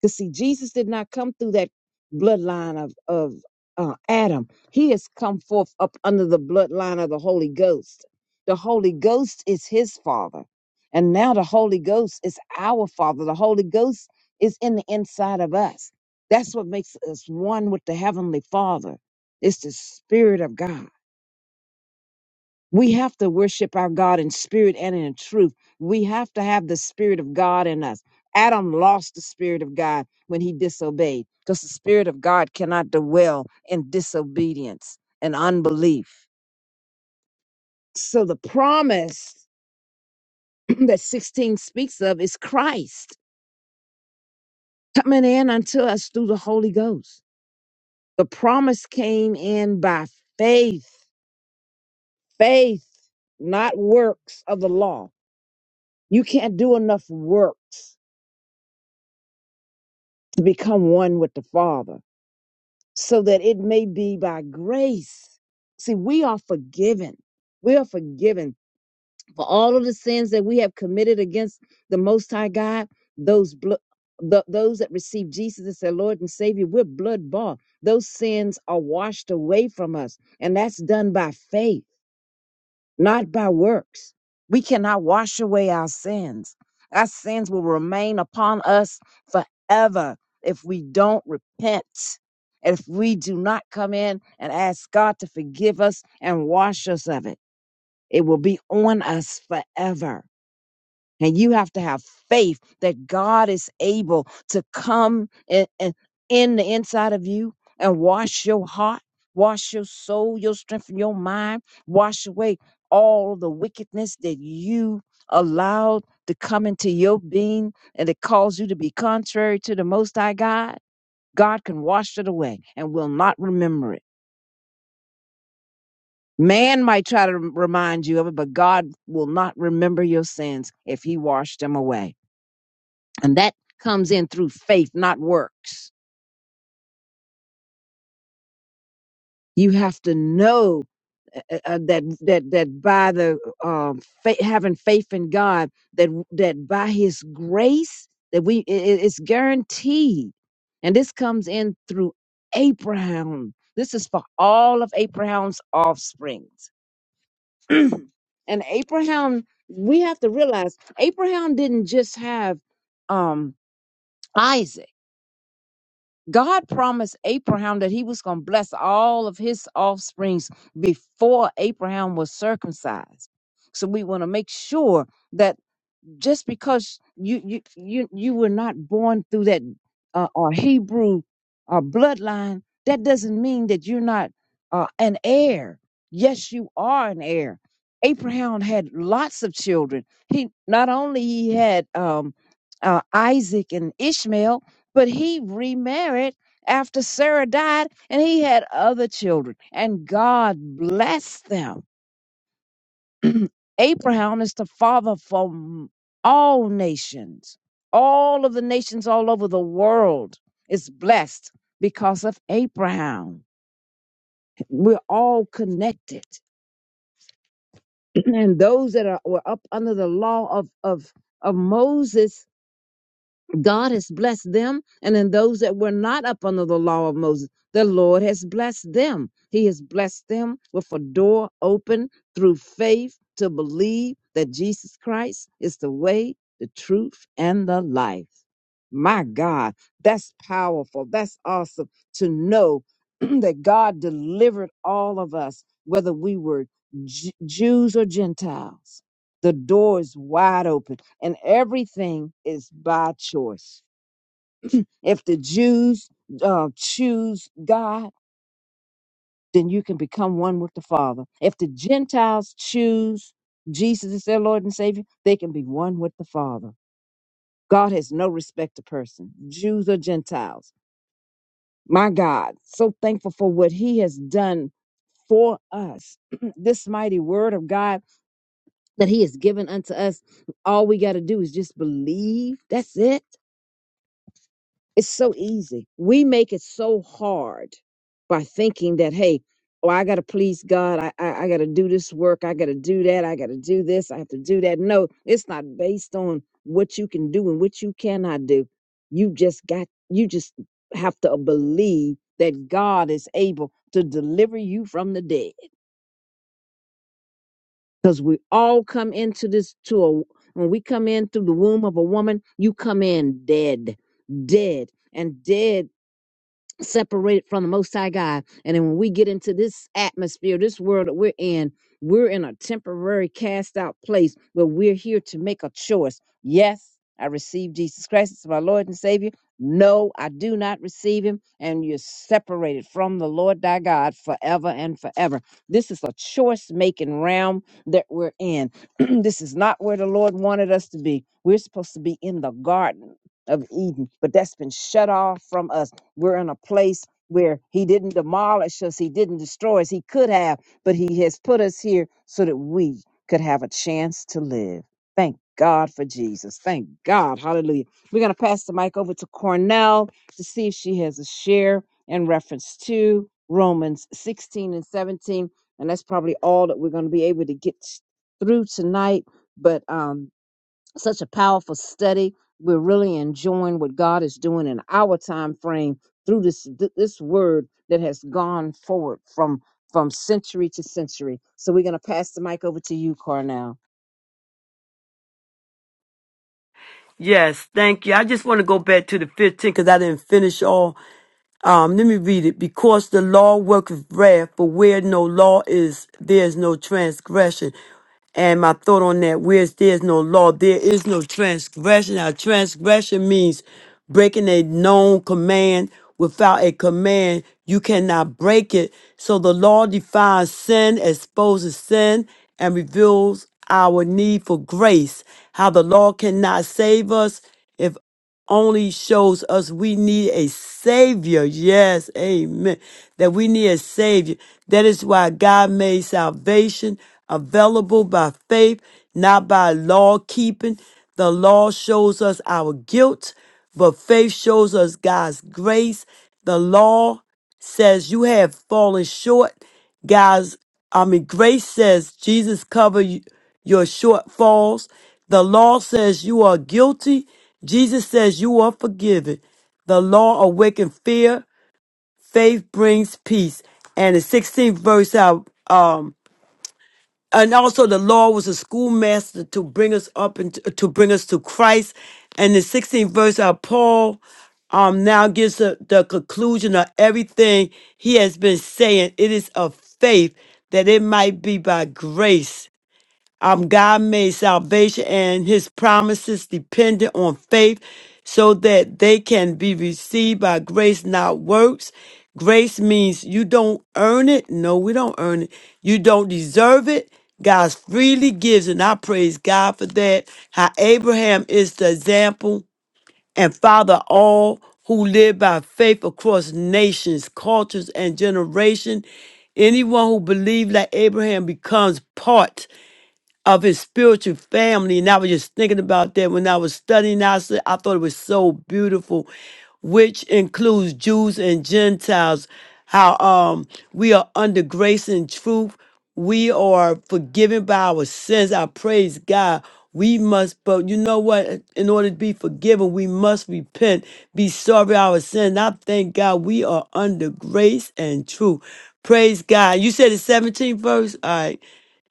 C: because see, Jesus did not come through that bloodline of of uh, Adam. He has come forth up under the bloodline of the Holy Ghost. The Holy Ghost is His Father, and now the Holy Ghost is our Father. The Holy Ghost is in the inside of us. That's what makes us one with the Heavenly Father. It's the Spirit of God. We have to worship our God in spirit and in truth. We have to have the spirit of God in us. Adam lost the spirit of God when he disobeyed because the spirit of God cannot dwell in disobedience and unbelief. So the promise that 16 speaks of is Christ coming in unto us through the Holy Ghost. The promise came in by faith, faith, not works of the law. You can't do enough works to become one with the Father, so that it may be by grace. See, we are forgiven. We are forgiven for all of the sins that we have committed against the Most High God. Those blo- th- those that receive Jesus as their Lord and Savior, we're blood bought. Those sins are washed away from us, and that's done by faith not by works. We cannot wash away our sins. Our sins will remain upon us forever if we don't repent, if we do not come in and ask God to forgive us and wash us of it. It will be on us forever. And you have to have faith that God is able to come and, and in the inside of you and wash your heart, wash your soul, your strength, and your mind, wash away all the wickedness that you allowed to come into your being and it caused you to be contrary to the Most High God. God can wash it away and will not remember it. Man might try to remind you of it, but God will not remember your sins if He washed them away. And that comes in through faith, not works. You have to know uh, uh, uh, that that that by the um, fa- having faith in God, that that by His grace, that we i- i- it's guaranteed. And this comes in through Abraham. This is for all of Abraham's offsprings. and Abraham, we have to realize Abraham didn't just have um, Isaac. God promised Abraham that he was going to bless all of his offsprings before Abraham was circumcised. So we want to make sure that just because you you you you were not born through that uh, or Hebrew uh, bloodline, that doesn't mean that you're not uh, an heir. Yes, you are an heir. Abraham had lots of children. He not only he had um, uh, Isaac and Ishmael, but he remarried after Sarah died, and he had other children, and God blessed them Abraham is the father for m- all nations. All of the nations all over the world is blessed because of Abraham. We're all connected. And those that are, were up under the law of, of, of Moses God has blessed them, and in those that were not up under the law of Moses, the Lord has blessed them. He has blessed them with a door open through faith to believe that Jesus Christ is the way, the truth, and the life. My God, that's powerful. That's awesome to know that God delivered all of us, whether we were Ju- Jews or Gentiles. The door is wide open, and everything is by choice. If the Jews uh, choose God, then you can become one with the Father. If the Gentiles choose Jesus as their Lord and Savior, they can be one with the Father. God has no respect to person, Jews or Gentiles. My God, so thankful for what He has done for us. this mighty word of God that He has given unto us, all we got to do is just believe. That's it. It's so easy. We make it so hard by thinking that, hey, oh, I got to please God. I, I, I got to do this work. I got to do that. I got to do this. I have to do that. No, it's not based on what you can do and what you cannot do. You just got, you just have to believe that God is able to deliver you from the dead. Because we all come into this to a, when we come in through the womb of a woman, you come in dead, dead, and dead separated from the Most High God. And then when we get into this atmosphere, this world that we're in, we're in a temporary cast out place where we're here to make a choice. Yes, I receive Jesus Christ as my Lord and Savior. No, I do not receive him. And you're separated from the Lord thy God forever and forever. This is a choice making realm that we're in. this is not where the Lord wanted us to be. We're supposed to be in the garden of Eden, but that's been shut off from us we're in a place where he didn't demolish us, he didn't destroy us, he could have, but he has put us here so that we could have a chance to live. Thank God for Jesus. Thank God. Hallelujah. We're going to pass the mic over to Cornell to see if she has a share in reference to Romans 16 and 17. And that's probably all that we're going to be able to get through tonight. But um, such a powerful study. We're really enjoying what God is doing in our time frame through this th- this word that has gone forward from from century to century. So we're gonna pass the mic over to you, Carnell.
B: Yes, thank you. I just want to go back to the 15 because I didn't finish all. Um, let me read it. Because the law worketh wrath, for where no law is, there is no transgression. And my thought on that, where there is no law, there is no transgression. Now, transgression means breaking a known command. Without a command, you cannot break it. So the law defines sin, exposes sin, and reveals our need for grace. How the law cannot save us life only shows us we need a savior. Yes, amen. That we need a savior. That is why God made salvation available by faith, not by law keeping. The law shows us our guilt, but faith shows us God's grace. The law says you have fallen short. Guys, I mean, grace says Jesus covered y- your shortfalls. The law says you are guilty. Jesus says you are forgiven. The law awakens fear. Faith brings peace. And the 16th verse, I, um, and also the law was a schoolmaster to bring us up and to, to bring us to Christ. And the 16th verse of Paul um, now gives the, the conclusion of everything he has been saying. It is of faith that it might be by grace um, God made salvation and his promises dependent on faith so that they can be received by grace, not works. Grace means you don't earn it. No, we don't earn it. You don't deserve it. God freely gives, and I praise God for that. How Abraham is the example and father of all who live by faith across nations, cultures, and generation. Anyone who believes like Abraham becomes part of his spiritual family. And I was just thinking about that when I was studying. I said, I thought it was so beautiful, which includes Jews and Gentiles. How um we are under grace and truth. We are forgiven by our sins. I praise God. We must, but you know what? In order to be forgiven, we must repent, be sorry for our sins. I thank God we are under grace and truth. Praise God. You said the 17th verse? All right.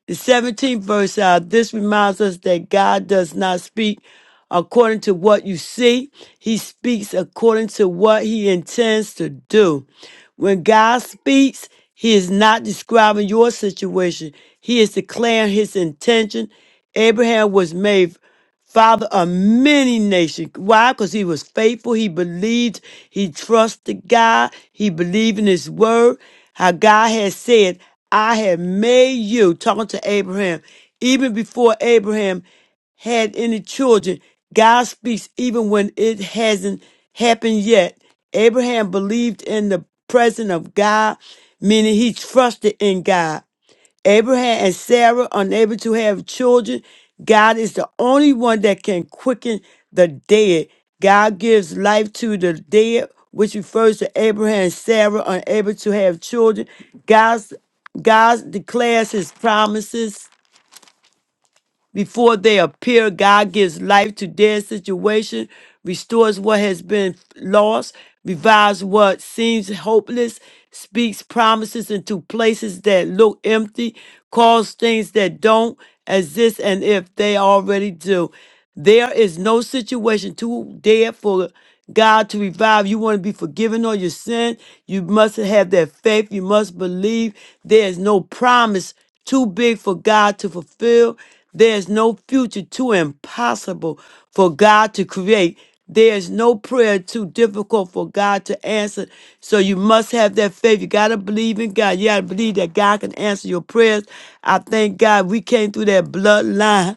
B: The 17th verse out, this reminds us that God does not speak according to what you see, He speaks according to what He intends to do. When God speaks, He is not describing your situation, He is declaring His intention. Abraham was made father of many nations. Why? Because he was faithful. He believed. He trusted God. He believed in his word. How God had said, I have made you, talking to Abraham, even before Abraham had any children. God speaks even when it hasn't happened yet. Abraham believed in the presence of God, meaning he trusted in God. Abraham and Sarah unable to have children. God is the only one that can quicken the dead. God gives life to the dead, which refers to Abraham and Sarah unable to have children. God's God declares his promises before they appear. God gives life to dead situation, restores what has been lost, revives what seems hopeless, speaks promises into places that look empty, calls things that don't exist, and if they already do. There is no situation too dead for God to revive. You want to be forgiven of your sin. You must have that faith. You must believe there is no promise too big for God to fulfill. There's no future too impossible for God to create. There's no prayer too difficult for God to answer. So you must have that faith. You got to believe in God. You got to believe that God can answer your prayers. I thank God we came through that bloodline.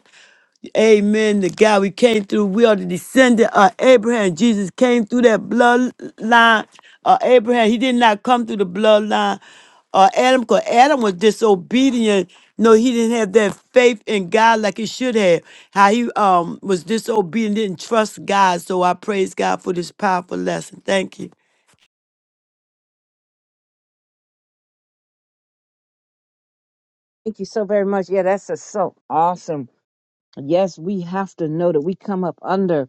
B: Amen. The God we came through, we are the descendant of Abraham. Jesus came through that bloodline of Abraham. He did not come through the bloodline of Adam because Adam was disobedient. No, he didn't have that faith in God like he should have. How he um was disobedient, didn't trust God. So I praise God for this powerful lesson. Thank you.
C: Thank you so very much. Yeah, that's a, so awesome. Yes, we have to know that we come up under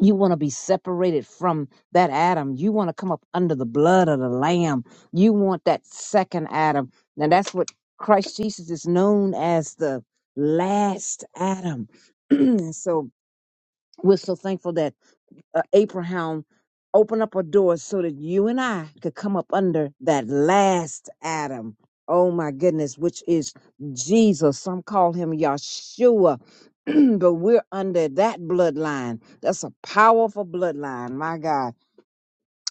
C: You want to be separated from that Adam. You want to come up under the blood of the Lamb. You want that second Adam. And that's what Christ Jesus is known as the last Adam. and so we're so thankful that uh, Abraham open up a door so that you and I could come up under that last Adam. Oh my goodness, which is Jesus. Some call him Yeshua, but we're under that bloodline. That's a powerful bloodline, my God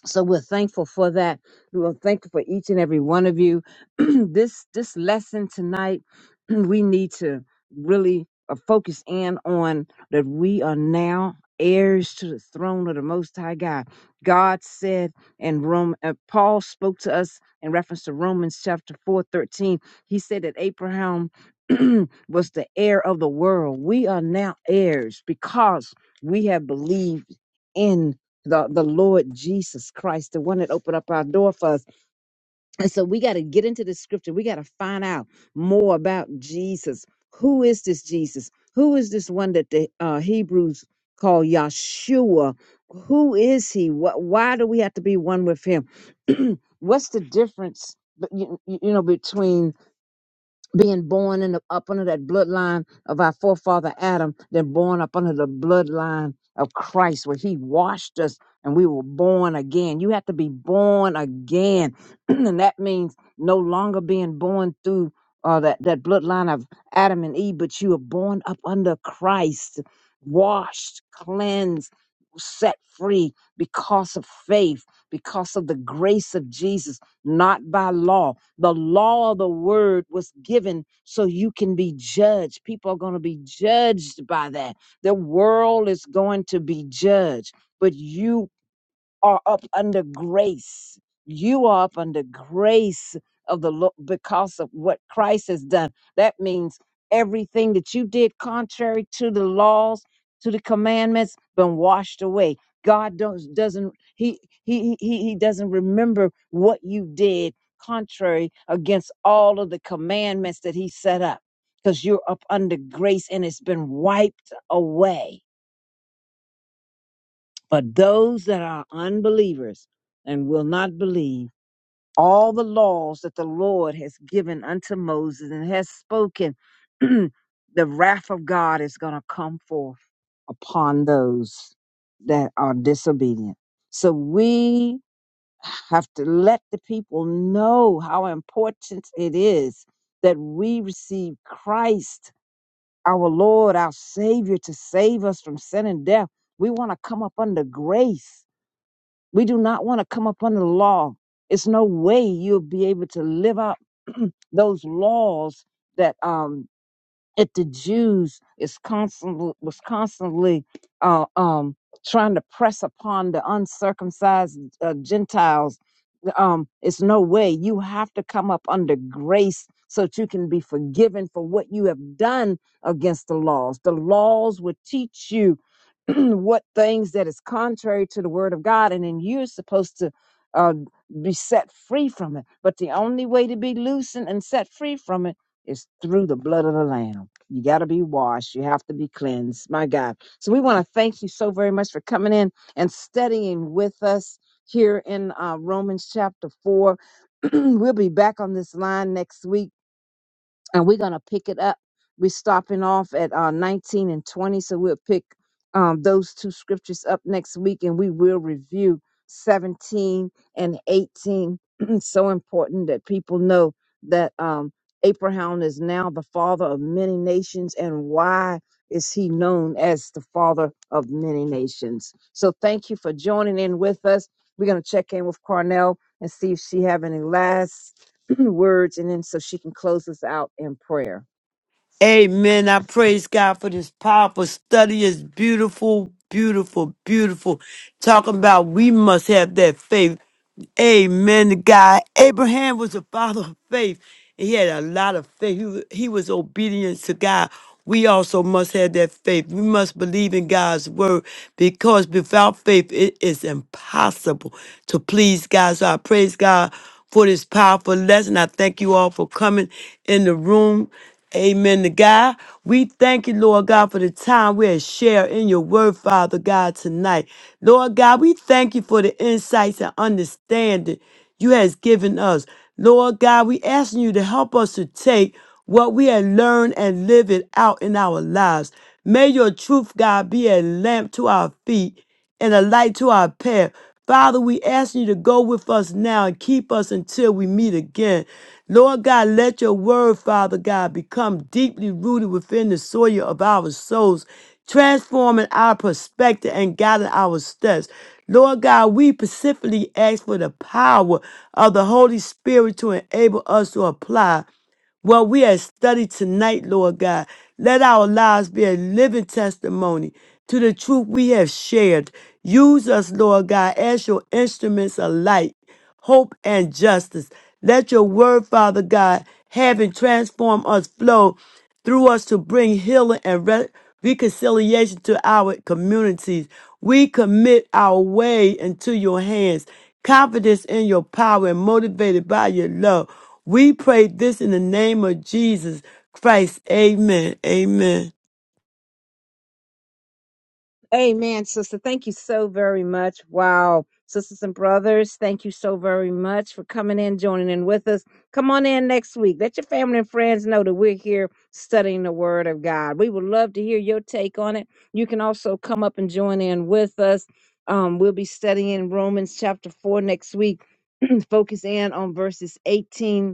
C: so we're thankful for that we're thankful for each and every one of you this this lesson tonight we need to really uh, focus in on that we are now heirs to the throne of the most high god god said and rome uh, paul spoke to us in reference to romans chapter 4 13. he said that abraham was the heir of the world we are now heirs because we have believed in the the Lord Jesus Christ, the one that opened up our door for us. And so we got to get into the scripture. We got to find out more about Jesus. Who is this Jesus? Who is this one that the uh, Hebrews call Yahshua? Who is he? What, why do we have to be one with him? What's the difference, but you, you you know, between being born in the, up under that bloodline of our forefather Adam, then born up under the bloodline of Christ, where He washed us and we were born again. You have to be born again, and that means no longer being born through uh, that that bloodline of Adam and Eve, but you are born up under Christ, washed, cleansed. Set free because of faith, because of the grace of Jesus, not by law. The law of the word was given so you can be judged. People are going to be judged by that. The world is going to be judged, but you are up under grace. You are up under grace of the Lord because of what Christ has done. That means everything that you did contrary to the laws, to the commandments, been washed away. God don't, doesn't he, he he he doesn't remember what you did contrary against all of the commandments that he set up because you're up under grace and it's been wiped away but those that are unbelievers and will not believe all the laws that the Lord has given unto Moses and has spoken, the wrath of God is going to come forth upon those that are disobedient. So we have to let the people know how important it is that we receive Christ, our Lord, our Savior, to save us from sin and death. We want to come up under grace we do not want to come up under the law. It's no way you'll be able to live out those laws that um that the Jews is constantly was constantly uh, um trying to press upon the uncircumcised uh, Gentiles um it's no way you have to come up under grace so that you can be forgiven for what you have done against the laws the laws would teach you what things that is contrary to the word of god and then you're supposed to uh, be set free from it but the only way to be loosened and set free from it is through the blood of the lamb you got to be washed you have to be cleansed my god so we want to thank you so very much for coming in and studying with us here in uh, Romans chapter 4. we'll be back on this line next week and we're gonna pick it up. We're stopping off at uh, 19 and 20, so we'll pick um, those two scriptures up next week, and we will review 17 and 18. It's so important that people know that um, Abraham is now the father of many nations, and why is he known as the father of many nations? So thank you for joining in with us. We're gonna check in with Cornell and see if she have any last words and then so she can close us out in prayer.
B: Amen. I praise God for this powerful study. It's beautiful, beautiful, beautiful. Talking about we must have that faith. Amen. to God, Abraham was a father of faith. He had a lot of faith. He, wa- he was obedient to God. We also must have that faith. We must believe in God's word because without faith, it is impossible to please God. So I praise God for this powerful lesson. I thank you all for coming in the room. Amen to God. We thank you, Lord God, for the time we have shared in your word, Father God, tonight. Lord God, we thank you for the insights and understanding you has given us. Lord God, we asking you to help us to take what we have learned and live it out in our lives. May your truth, God, be a lamp to our feet and a light to our path. Father, we ask you to go with us now and keep us until we meet again. Lord God, let your word, Father God, become deeply rooted within the soil of our souls, transforming our perspective and guiding our steps. Lord God, we specifically ask for the power of the Holy Spirit to enable us to apply. Well, we have studied tonight, Lord God. Let our lives be a living testimony to the truth we have shared. Use us, Lord God, as your instruments of light, hope, and justice. Let your word, Father God, having transformed us, flow through us to bring healing and re- reconciliation to our communities. We commit our way into your hands, confidence in your power, and motivated by your love. We pray this in the name of Jesus Christ. Amen. Amen.
C: Amen, sister. Thank you so very much. Wow. Sisters and brothers, thank you so very much for coming in, joining in with us. Come on in next week. Let your family and friends know that we're here studying the Word of God. We would love to hear your take on it. You can also come up and join in with us. Um, we'll be studying Romans chapter 4 next week, focus in on verses 18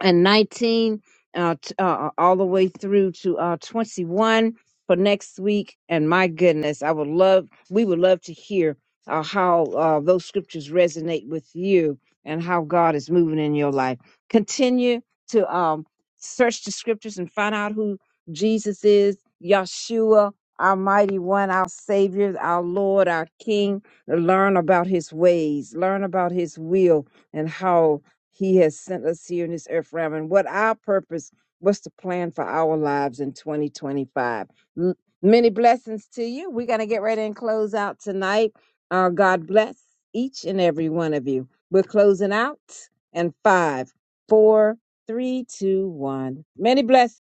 C: and 19 uh, t- uh, uh, all the way through to uh, 21 for next week. And my goodness, I would love, we would love to hear uh, how uh, those scriptures resonate with you and how God is moving in your life. Continue to um, search the scriptures and find out who Jesus is, Yeshua, our mighty one, our Savior, our Lord, our King. Learn about his ways, learn about his will, and how. He has sent us here in this earth realm. And what our purpose, what's the plan for our lives in 2025? M- Many blessings to you. We're going to get ready and close out tonight. Uh, God bless each and every one of you. We're closing out and five, four, three, two, one. Many blessings.